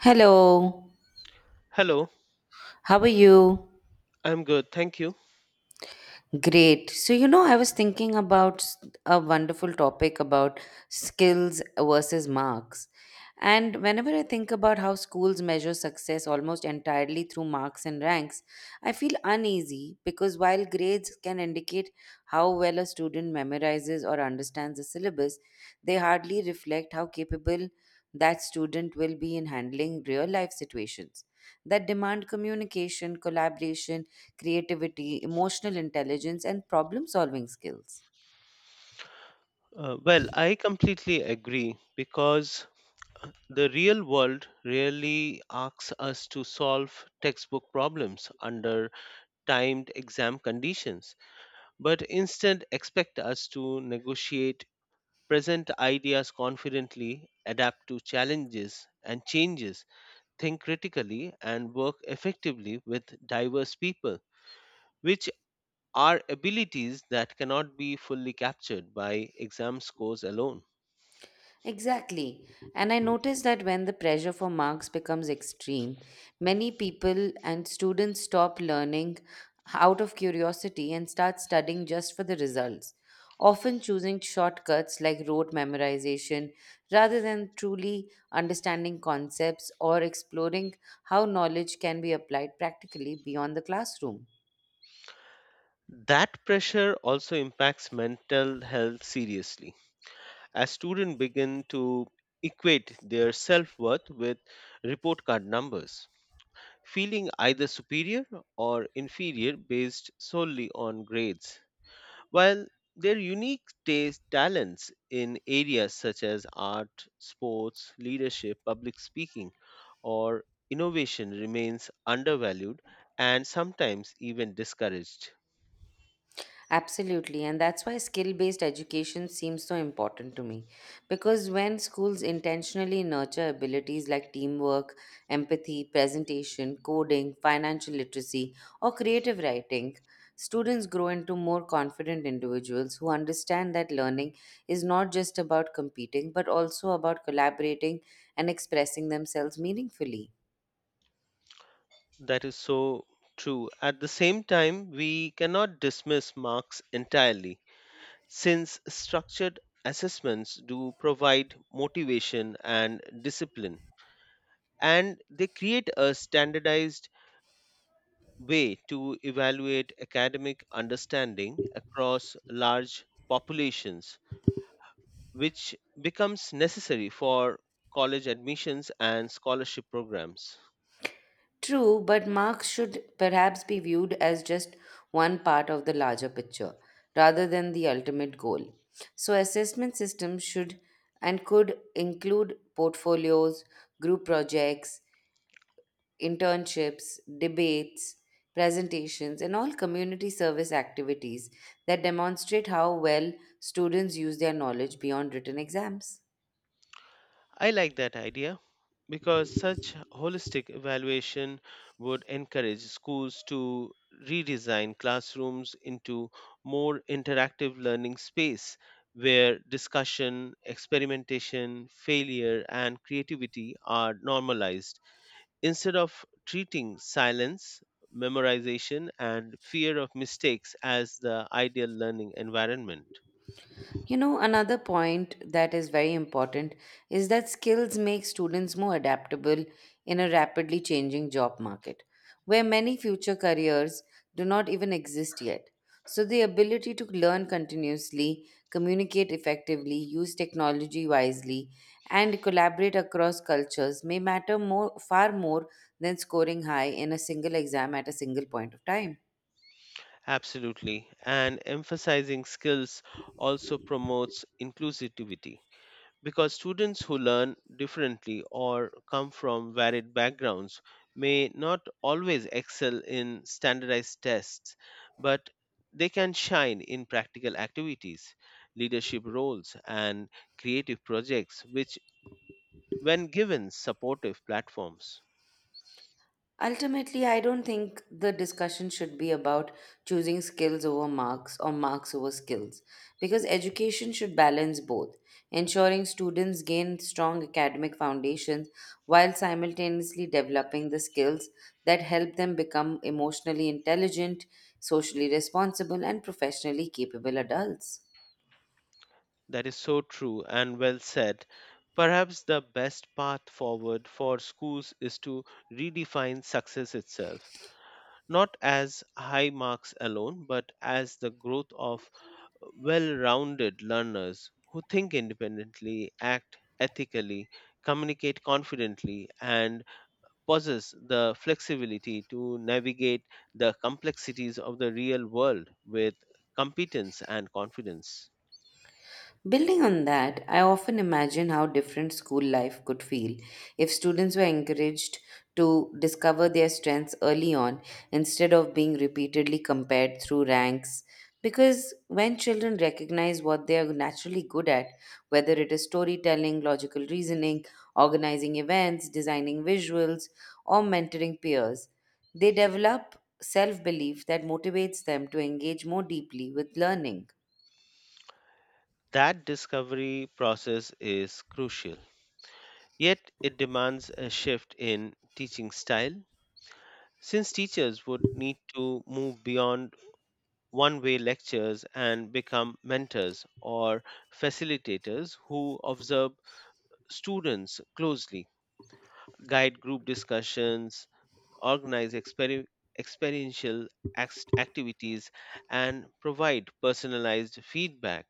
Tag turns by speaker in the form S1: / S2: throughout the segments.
S1: Hello,
S2: Hello,
S1: how are you?
S2: I'm good, thank you.
S1: Great. I was thinking about a wonderful topic about skills versus marks. And whenever I think about how schools measure success almost entirely through marks and ranks, I feel uneasy because while grades can indicate how well a student memorizes or understands the syllabus, they hardly reflect how capable that student will be in handling real life situations that demand communication, collaboration, creativity, emotional intelligence, and problem solving skills.
S2: I completely agree because the real world really asks us to solve textbook problems under timed exam conditions, but instead expect us to negotiate present ideas confidently, adapt to challenges and changes, think critically, and work effectively with diverse people, which are abilities that cannot be fully captured by exam scores alone.
S1: Exactly. And I noticed that when the pressure for marks becomes extreme, many people and students stop learning out of curiosity and start studying just for the results, often choosing shortcuts like rote memorization rather than truly understanding concepts or exploring how knowledge can be applied practically beyond the classroom.
S2: That pressure also impacts mental health seriously. As students begin to equate their self worth with report card numbers, feeling either superior or inferior based solely on grades. While their unique taste talents in areas such as art, sports, leadership, public speaking, or innovation remains undervalued and sometimes even discouraged.
S1: Absolutely, and that's why skill based education seems so important to me. Because when schools intentionally nurture abilities like teamwork, empathy, presentation, coding, financial literacy, or creative writing, students grow into more confident individuals who understand that learning is not just about competing but also about collaborating and expressing themselves meaningfully.
S2: That is so true. At the same time, we cannot dismiss marks entirely, since structured assessments do provide motivation and discipline, and they create a standardized way to evaluate academic understanding across large populations, which becomes necessary for college admissions and scholarship programs.
S1: True, but marks should perhaps be viewed as just one part of the larger picture rather than the ultimate goal. So, assessment systems should and could include portfolios, group projects, internships, debates, presentations, and all community service activities that demonstrate how well students use their knowledge beyond written exams.
S2: I like that idea because such holistic evaluation would encourage schools to redesign classrooms into more interactive learning space where discussion, experimentation, failure, and creativity are normalized instead of treating silence, memorization, and fear of mistakes as the ideal learning environment.
S1: You know, another point that is very important is that skills make students more adaptable in a rapidly changing job market, where many future careers do not even exist yet. So, the ability to learn continuously, communicate effectively, use technology wisely, and collaborate across cultures may matter more, far more than scoring high in a single exam at a single point of time.
S2: Absolutely. And emphasizing skills also promotes inclusivity because students who learn differently or come from varied backgrounds may not always excel in standardized tests, but they can shine in practical activities, leadership roles, and creative projects, which, when given supportive platforms.
S1: Ultimately, I don't think the discussion should be about choosing skills over marks or marks over skills, because education should balance both, ensuring students gain strong academic foundations while simultaneously developing the skills that help them become emotionally intelligent, socially responsible, and professionally capable adults.
S2: That is so true and well said. Perhaps the best path forward for schools is to redefine success itself, not as high marks alone, but as the growth of well rounded learners who think independently, act ethically, communicate confidently, and possess the flexibility to navigate the complexities of the real world with competence and confidence.
S1: Building on that, I often imagine how different school life could feel if students were encouraged to discover their strengths early on instead of being repeatedly compared through ranks. Because when children recognize what they are naturally good at, whether it is storytelling, logical reasoning, organizing events, designing visuals, or mentoring peers, they develop self belief that motivates them to engage more deeply with learning.
S2: That discovery process is crucial, yet, it demands a shift in teaching style. Since teachers would need to move beyond one way lectures and become mentors or facilitators who observe students closely, guide group discussions, organize experiential activities, and provide personalized feedback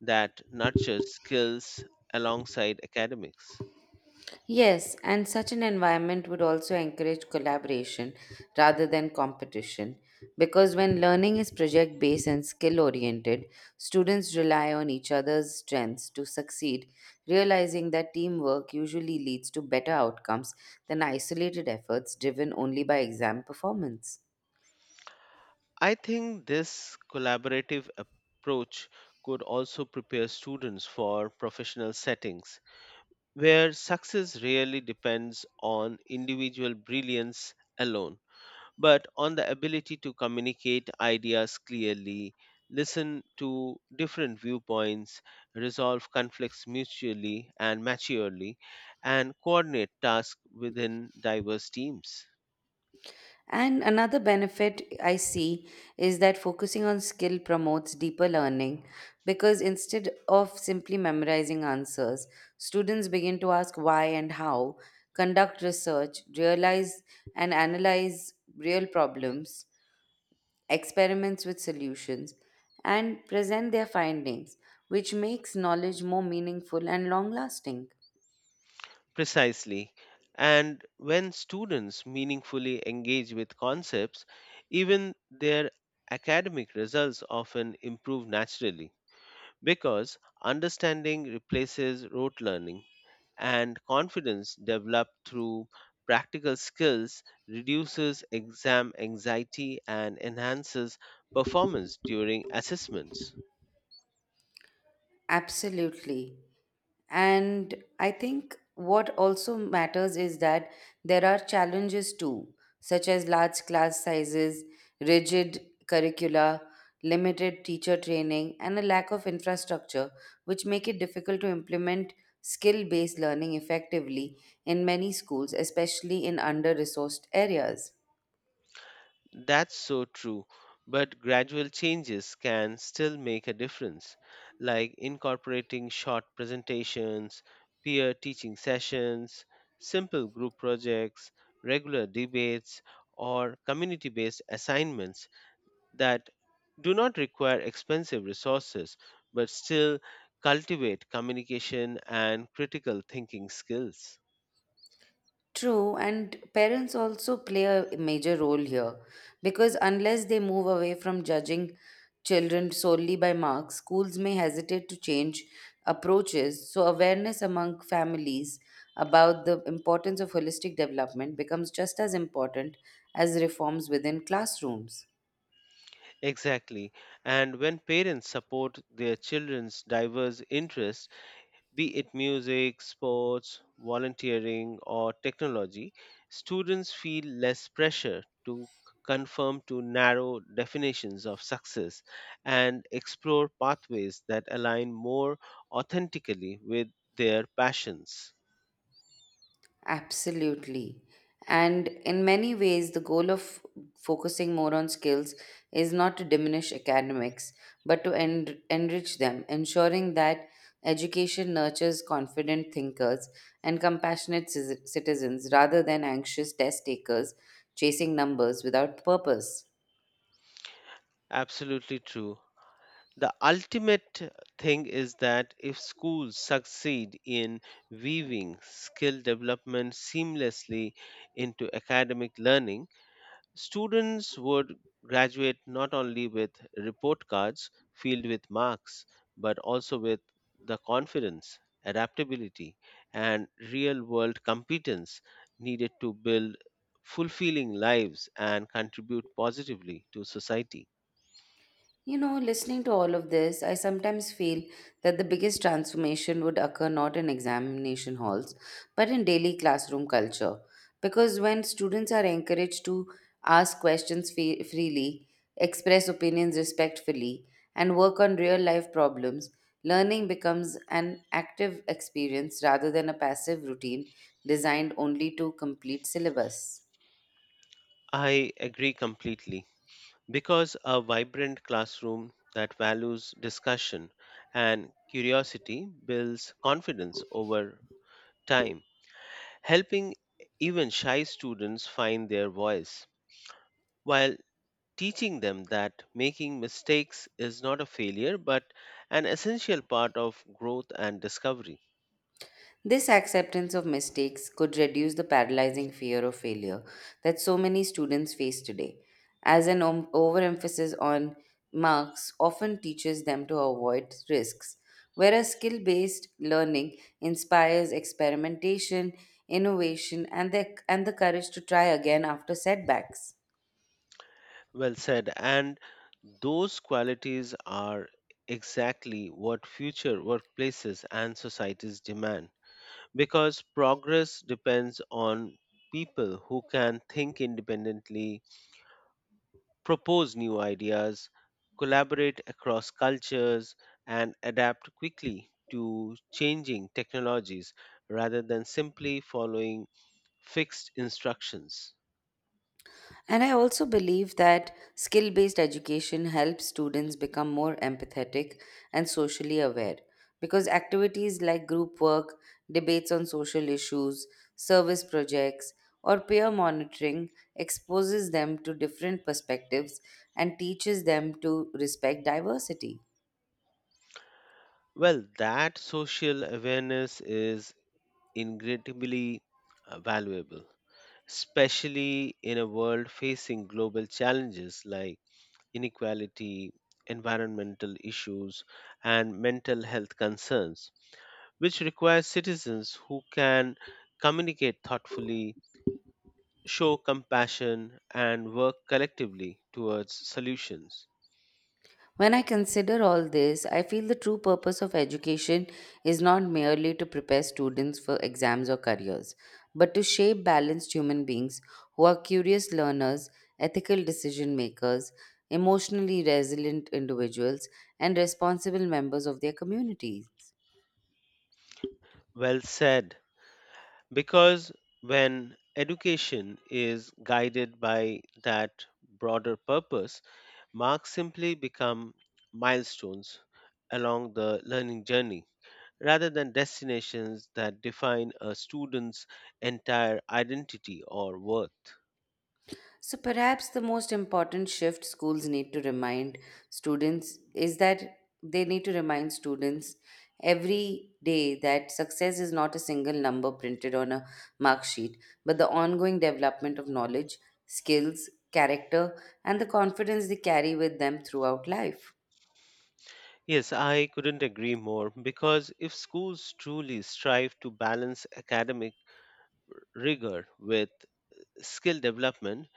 S2: that nurtures skills alongside academics.
S1: Yes, and such an environment would also encourage collaboration rather than competition. Because when learning is project based and skill oriented, students rely on each other's strengths to succeed, realizing that teamwork usually leads to better outcomes than isolated efforts driven only by exam performance.
S2: I think this collaborative approach could also prepare students for professional settings where success really depends on individual brilliance alone, but on the ability to communicate ideas clearly, listen to different viewpoints, resolve conflicts mutually and maturely, and coordinate tasks within diverse teams.
S1: And another benefit I see is that focusing on skill promotes deeper learning because instead of simply memorizing answers, students begin to ask why and how, conduct research, realize and analyze real problems, experiments with solutions, and present their findings, which makes knowledge more meaningful and long lasting.
S2: Precisely. And when students meaningfully engage with concepts, even their academic results often improve naturally because understanding replaces rote learning and confidence developed through practical skills reduces exam anxiety and enhances performance during assessments.
S1: Absolutely. And I think what also matters is that there are challenges too, such as large class sizes, rigid curricula, limited teacher training, and a lack of infrastructure, which make it difficult to implement skill based learning effectively in many schools, especially in under resourced areas.
S2: That's so true, but gradual changes can still make a difference, like incorporating short presentations, peer teaching sessions, simple group projects, regular debates, or community based assignments that do not require expensive resources but still cultivate communication and critical thinking skills.
S1: True, and parents also play a major role here because unless they move away from judging children solely by marks, schools may hesitate to change approaches. So, awareness among families about the importance of holistic development becomes just as important as reforms within classrooms.
S2: Exactly, and when parents support their children's diverse interests, be it music, sports, volunteering, or technology, students feel less pressure to conform to narrow definitions of success and explore pathways that align more authentically with their passions.
S1: Absolutely. And in many ways, the goal of focusing more on skills is not to diminish academics, but to enrich them, ensuring that education nurtures confident thinkers and compassionate citizens rather than anxious test takers chasing numbers without purpose.
S2: Absolutely true. The ultimate thing is that if schools succeed in weaving skill development seamlessly into academic learning, students would graduate not only with report cards filled with marks, but also with the confidence, adaptability, and real world competence needed to build fulfilling lives and contribute positively to society.
S1: You know, listening to all of this, I sometimes feel that the biggest transformation would occur not in examination halls, but in daily classroom culture. Because when students are encouraged to ask questions freely, express opinions respectfully, and work on real life problems, learning becomes an active experience rather than a passive routine designed only to complete syllabus.
S2: I agree completely because a vibrant classroom that values discussion and curiosity builds confidence over time, helping even shy students find their voice while teaching them that making mistakes is not a failure but an essential part of growth and discovery.
S1: This acceptance of mistakes could reduce the paralyzing fear of failure that so many students face today, as an overemphasis on marks often teaches them to avoid risks, whereas skill based learning inspires experimentation, innovation, and the courage to try again after setbacks.
S2: Well said. And those qualities are exactly what future workplaces and societies demand because progress depends on people who can think independently, propose new ideas, collaborate across cultures, and adapt quickly to changing technologies rather than simply following fixed instructions.
S1: And I also believe that skill based education helps students become more empathetic and socially aware because activities like group work, debates on social issues, service projects, or peer monitoring exposes them to different perspectives and teaches them to respect diversity.
S2: Well, that social awareness is incredibly valuable, especially in a world facing global challenges like inequality, environmental issues, and mental health concerns which requires citizens who can communicate thoughtfully, show compassion, and work collectively towards solutions.
S1: When I consider all this, I feel the true purpose of education is not merely to prepare students for exams or careers, but to shape balanced human beings who are curious learners, ethical decision makers, emotionally resilient individuals, and responsible members of their communities.
S2: Well said, because when education is guided by that broader purpose, marks simply become milestones along the learning journey rather than destinations that define a student's entire identity or worth.
S1: So, perhaps the most important shift schools need to remind students is that they need to remind students every day that success is not a single number printed on a mark sheet, but the ongoing development of knowledge, skills, character, and the confidence they carry with them throughout life.
S2: Yes, I couldn't agree more because if schools truly strive to balance academic rigor with skill development,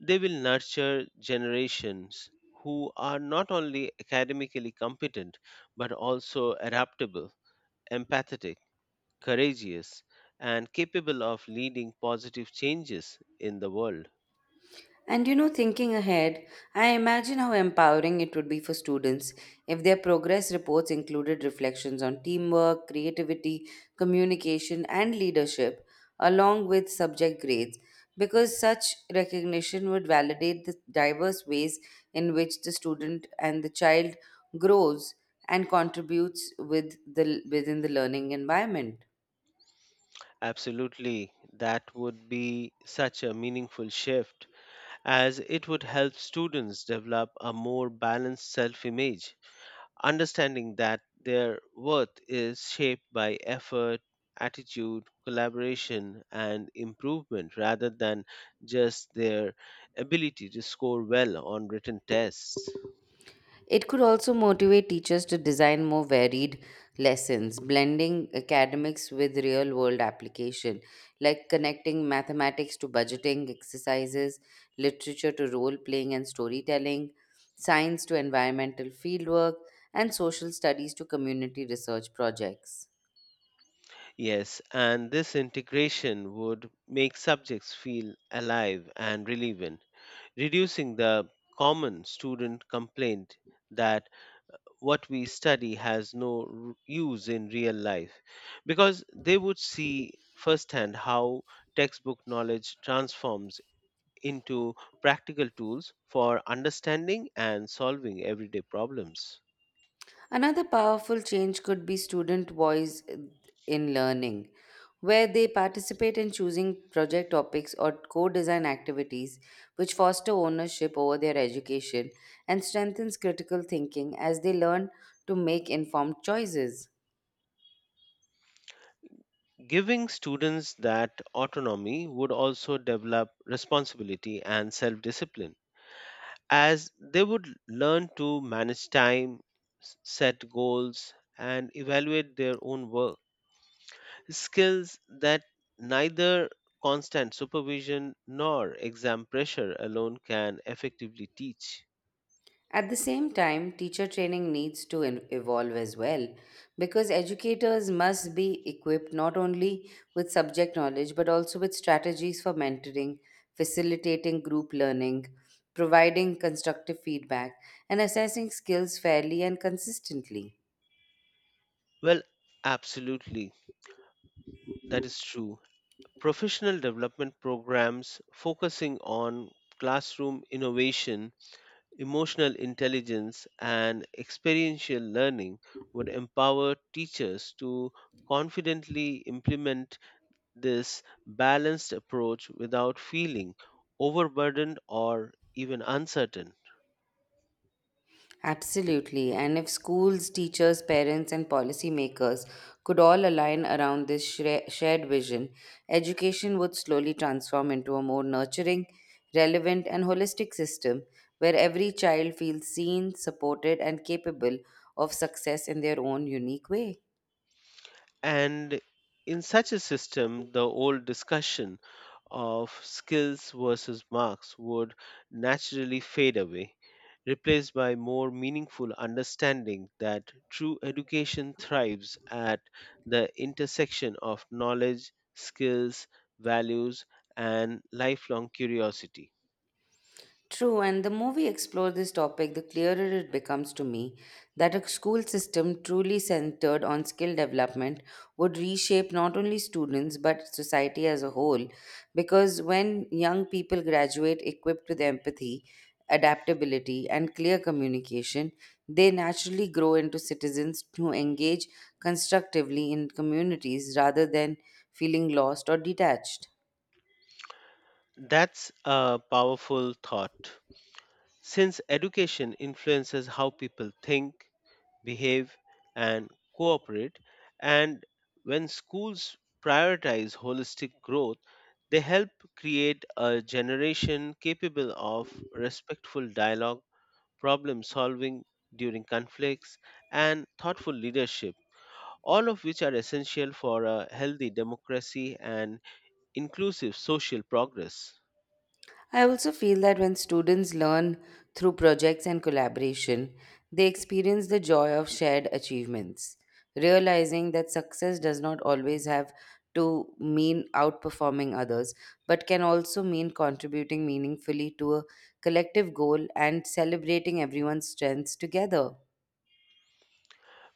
S2: they will nurture generations who are not only academically competent but also adaptable, empathetic, courageous, and capable of leading positive changes in the world.
S1: And you know, thinking ahead, I imagine how empowering it would be for students if their progress reports included reflections on teamwork, creativity, communication, and leadership, along with subject grades, because such recognition would validate the diverse ways in which the student and the child grows and contributes within the learning environment.
S2: Absolutely, that would be such a meaningful shift as it would help students develop a more balanced self image, understanding that their worth is shaped by effort, attitude, collaboration, and improvement rather than just their ability to score well on written tests.
S1: It could also motivate teachers to design more varied lessons, blending academics with real world application, like connecting mathematics to budgeting exercises, literature to role playing and storytelling, science to environmental fieldwork, and social studies to community research projects.
S2: Yes, and this integration would make subjects feel alive and relevant, reducing the common student complaint that what we study has no use in real life because they would see firsthand how textbook knowledge transforms into practical tools for understanding and solving everyday problems.
S1: Another powerful change could be student voice in learning, where they participate in choosing project topics or co design activities, which foster ownership over their education and strengthens critical thinking as they learn to make informed choices.
S2: Giving students that autonomy would also develop responsibility and self discipline, as they would learn to manage time, set goals, and evaluate their own work. Skills that neither constant supervision nor exam pressure alone can effectively teach.
S1: At the same time, teacher training needs to evolve as well because educators must be equipped not only with subject knowledge but also with strategies for mentoring, facilitating group learning, providing constructive feedback, and assessing skills fairly and consistently.
S2: Well, absolutely, that is true. Professional development programs focusing on classroom innovation, emotional intelligence, and experiential learning would empower teachers to confidently implement this balanced approach without feeling overburdened or even uncertain.
S1: Absolutely. And if schools, teachers, parents, and policymakers could all align around this shared vision, education would slowly transform into a more nurturing, relevant, and holistic system where every child feels seen, supported, and capable of success in their own unique way.
S2: And in such a system, the old discussion of skills versus marks would naturally fade away, replaced by more meaningful understanding that true education thrives at the intersection of knowledge, skills, values, and lifelong curiosity.
S1: True, and the movie explores this topic, the clearer it becomes to me that a school system truly centered on skill development would reshape not only students but society as a whole. Because when young people graduate equipped with empathy, adaptability, and clear communication, they naturally grow into citizens who engage constructively in communities rather than feeling lost or detached.
S2: That's a powerful thought. Since education influences how people think, behave, and cooperate, and when schools prioritize holistic growth, they help create a generation capable of respectful dialogue, problem solving during conflicts, and thoughtful leadership, all of which are essential for a healthy democracy and inclusive social progress.
S1: I also feel that when students learn through projects and collaboration, they experience the joy of shared achievements, realizing that success does not always have to mean outperforming others, but can also mean contributing meaningfully to a collective goal and celebrating everyone's strengths together.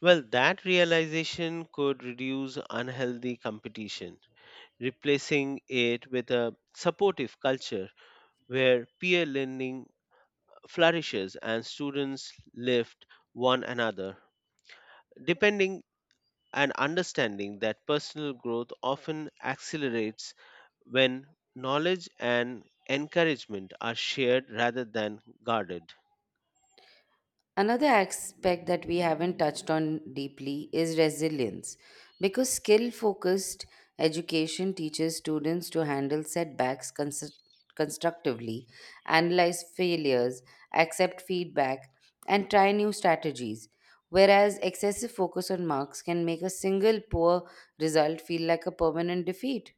S2: Well, that realization could reduce unhealthy competition, replacing it with a supportive culture where peer learning flourishes and students lift one another, depending and understanding that personal growth often accelerates when knowledge and encouragement are shared rather than guarded.
S1: Another aspect that we haven't touched on deeply is resilience, because skill focused education teaches students to handle setbacks constructively, analyze failures, accept feedback, and try new strategies. Whereas excessive focus on marks can make a single poor result feel like a permanent defeat.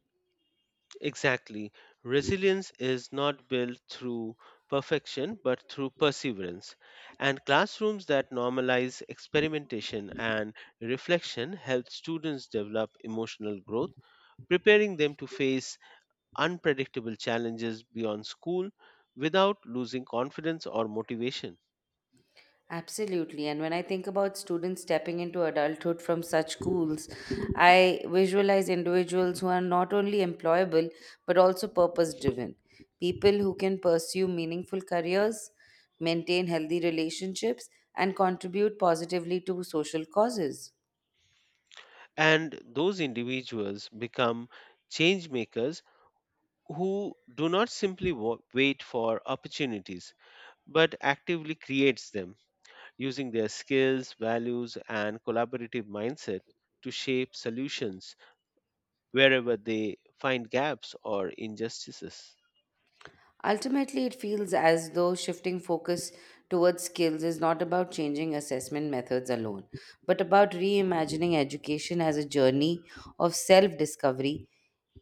S2: Exactly. Resilience is not built through perfection, but through perseverance. And classrooms that normalize experimentation and reflection help students develop emotional growth, preparing them to face unpredictable challenges beyond school without losing confidence or motivation.
S1: Absolutely. And when I think about students stepping into adulthood from such schools, I visualize individuals who are not only employable but also purpose driven. People who can pursue meaningful careers, maintain healthy relationships, and contribute positively to social causes.
S2: And those individuals become change makers who do not simply wait for opportunities but actively creates them using their skills, values, and collaborative mindset to shape solutions wherever they find gaps or injustices.
S1: Ultimately, it feels as though shifting focus towards skills is not about changing assessment methods alone, but about reimagining education as a journey of self discovery,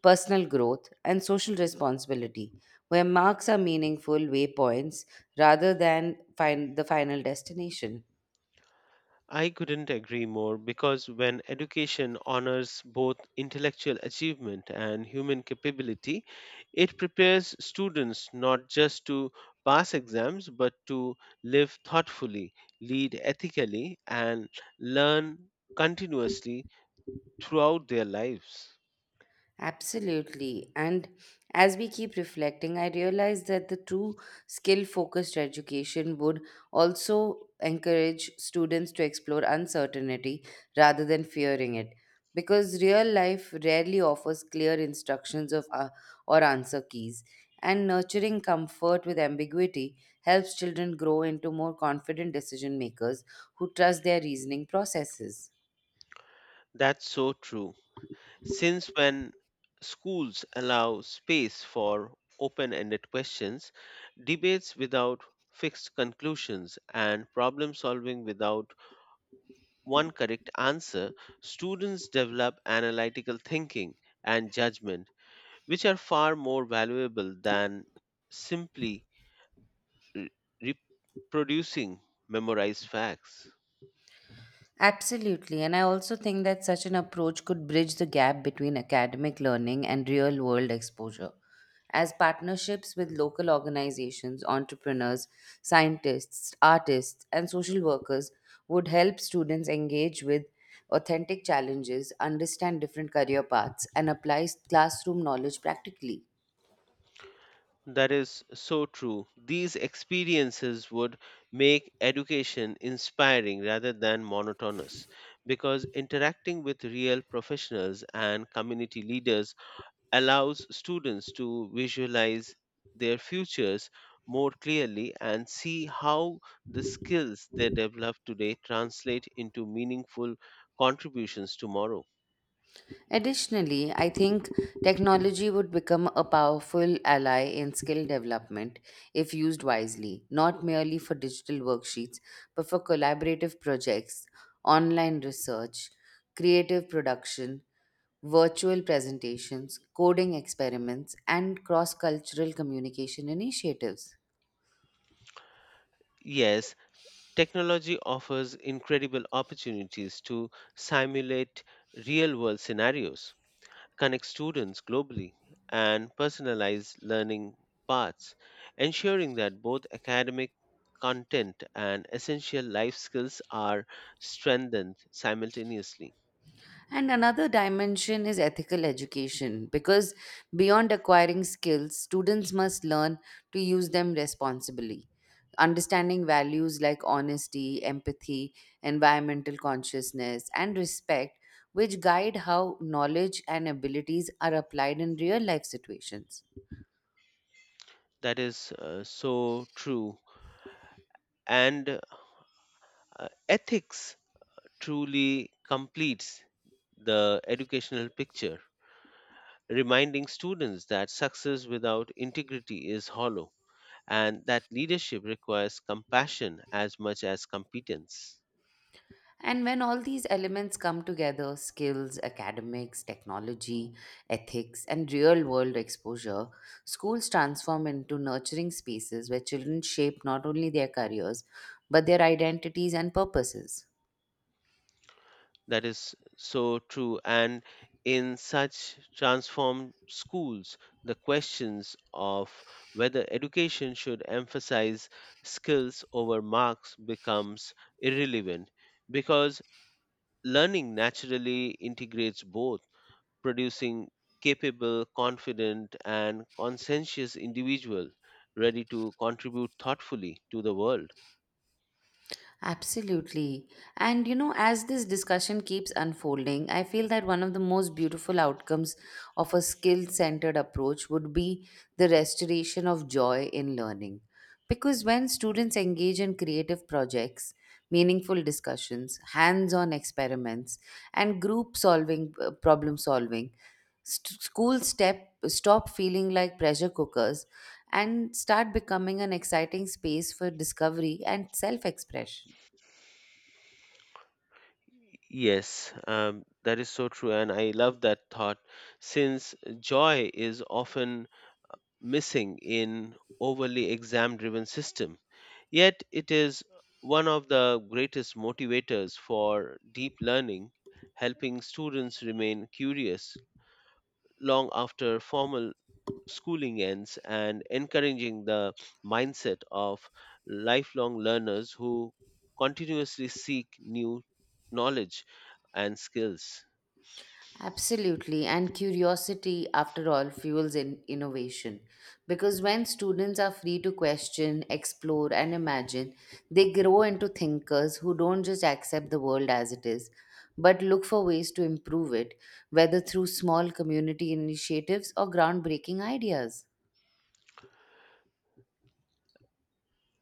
S1: personal growth, and social responsibility, where marks are meaningful waypoints rather than the final destination.
S2: I couldn't agree more because when education honors both intellectual achievement and human capability, it prepares students not just to pass exams but to live thoughtfully, lead ethically, and learn continuously throughout their lives.
S1: Absolutely. And as we keep reflecting, I realize that the true skill focused education would also encourage students to explore uncertainty rather than fearing it. Because real life rarely offers clear instructions or answer keys. And nurturing comfort with ambiguity helps children grow into more confident decision makers who trust their reasoning processes.
S2: That's so true. Since when schools allow space for open ended questions, debates without fixed conclusions, and problem solving without one correct answer, students develop analytical thinking and judgment, which are far more valuable than simply re- reproducing memorized facts.
S1: Absolutely. And I also think that such an approach could bridge the gap between academic learning and real world exposure. As partnerships with local organizations, entrepreneurs, scientists, artists, and social workers would help students engage with authentic challenges, understand different career paths, and apply classroom knowledge practically.
S2: That is so true. These experiences would make education inspiring rather than monotonous because interacting with real professionals and community leaders allows students to visualize their futures more clearly and see how the skills they develop today translate into meaningful contributions tomorrow.
S1: Additionally, I think technology would become a powerful ally in skill development if used wisely, not merely for digital worksheets, but for collaborative projects, online research, creative production, virtual presentations, coding experiments, and cross cultural communication initiatives.
S2: Yes, technology offers incredible opportunities to simulate real world scenarios, connect students globally, and personalize learning paths, ensuring that both academic content and essential life skills are strengthened simultaneously.
S1: And another dimension is ethical education because beyond acquiring skills, students must learn to use them responsibly. Understanding values like honesty, empathy, environmental consciousness, and respect, which guide how knowledge and abilities are applied in real life situations.
S2: That is so true. And ethics truly completes the educational picture, reminding students that success without integrity is hollow and that leadership requires compassion as much as competence.
S1: And when all these elements come together skills, academics, technology, ethics, and real world exposure schools transform into nurturing spaces where children shape not only their careers, but their identities and purposes.
S2: That is so true. And in such transformed schools, the questions of whether education should emphasize skills over marks becomes irrelevant because learning naturally integrates both, producing capable, confident, and conscientious individual ready to contribute thoughtfully to the world.
S1: Absolutely. And you know, as this discussion keeps unfolding, I feel that one of the most beautiful outcomes of a skill centered approach would be the restoration of joy in learning. Because when students engage in creative projects, meaningful discussions, hands on experiments, and problem solving, schools stop feeling like pressure cookers and start becoming an exciting space for discovery and self expression.
S2: Yes, that is so true, and I love that thought since joy is often missing in overly exam driven system, yet it is one of the greatest motivators for deep learning, helping students remain curious long after formal schooling ends and encouraging the mindset of lifelong learners who continuously seek new knowledge and skills.
S1: Absolutely, and curiosity, after all, fuels in innovation. Because when students are free to question, explore, and imagine, they grow into thinkers who don't just accept the world as it is, but look for ways to improve it, whether through small community initiatives or groundbreaking ideas.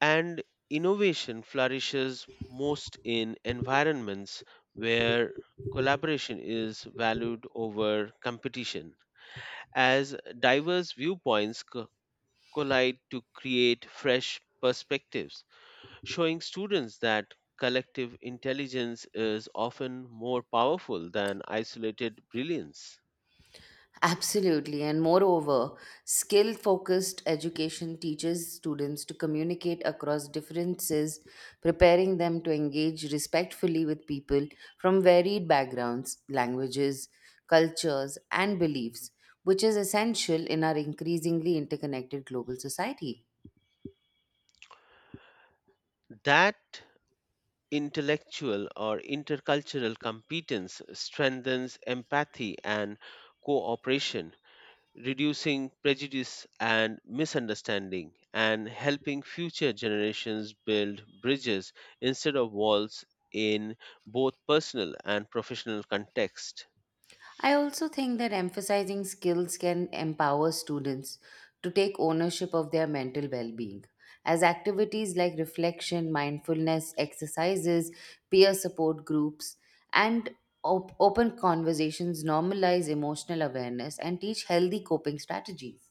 S2: And innovation flourishes most in environments where collaboration is valued over competition, as diverse viewpoints collide to create fresh perspectives, showing students that collective intelligence is often more powerful than isolated brilliance.
S1: Absolutely. And moreover, skill focused education teaches students to communicate across differences, preparing them to engage respectfully with people from varied backgrounds, languages, cultures, and beliefs, which is essential in our increasingly interconnected global society.
S2: That intellectual or intercultural competence strengthens empathy and cooperation, reducing prejudice and misunderstanding, and helping future generations build bridges instead of walls in both personal and professional context.
S1: I also think that emphasizing skills can empower students to take ownership of their mental well being, as activities like reflection, mindfulness, exercises, peer support groups, and open conversations normalize emotional awareness and teach healthy coping strategies.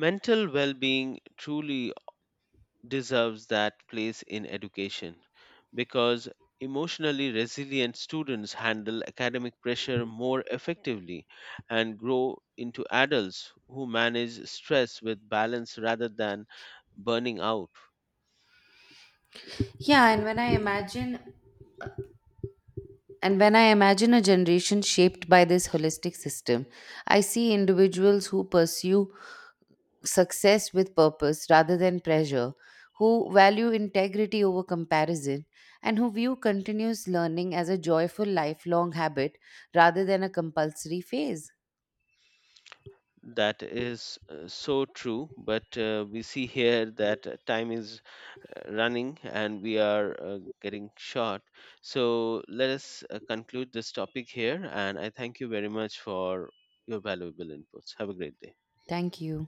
S2: Mental well-being truly deserves that place in education because emotionally resilient students handle academic pressure more effectively and grow into adults who manage stress with balance rather than burning out.
S1: Yeah, and when I imagine a generation shaped by this holistic system, I see individuals who pursue success with purpose rather than pressure, who value integrity over comparison, and who view continuous learning as a joyful lifelong habit rather than a compulsory phase.
S2: That is so true, but we see here that time is running and we are getting short. So let us conclude this topic here. And I thank you very much for your valuable inputs. Have a great day.
S1: Thank you.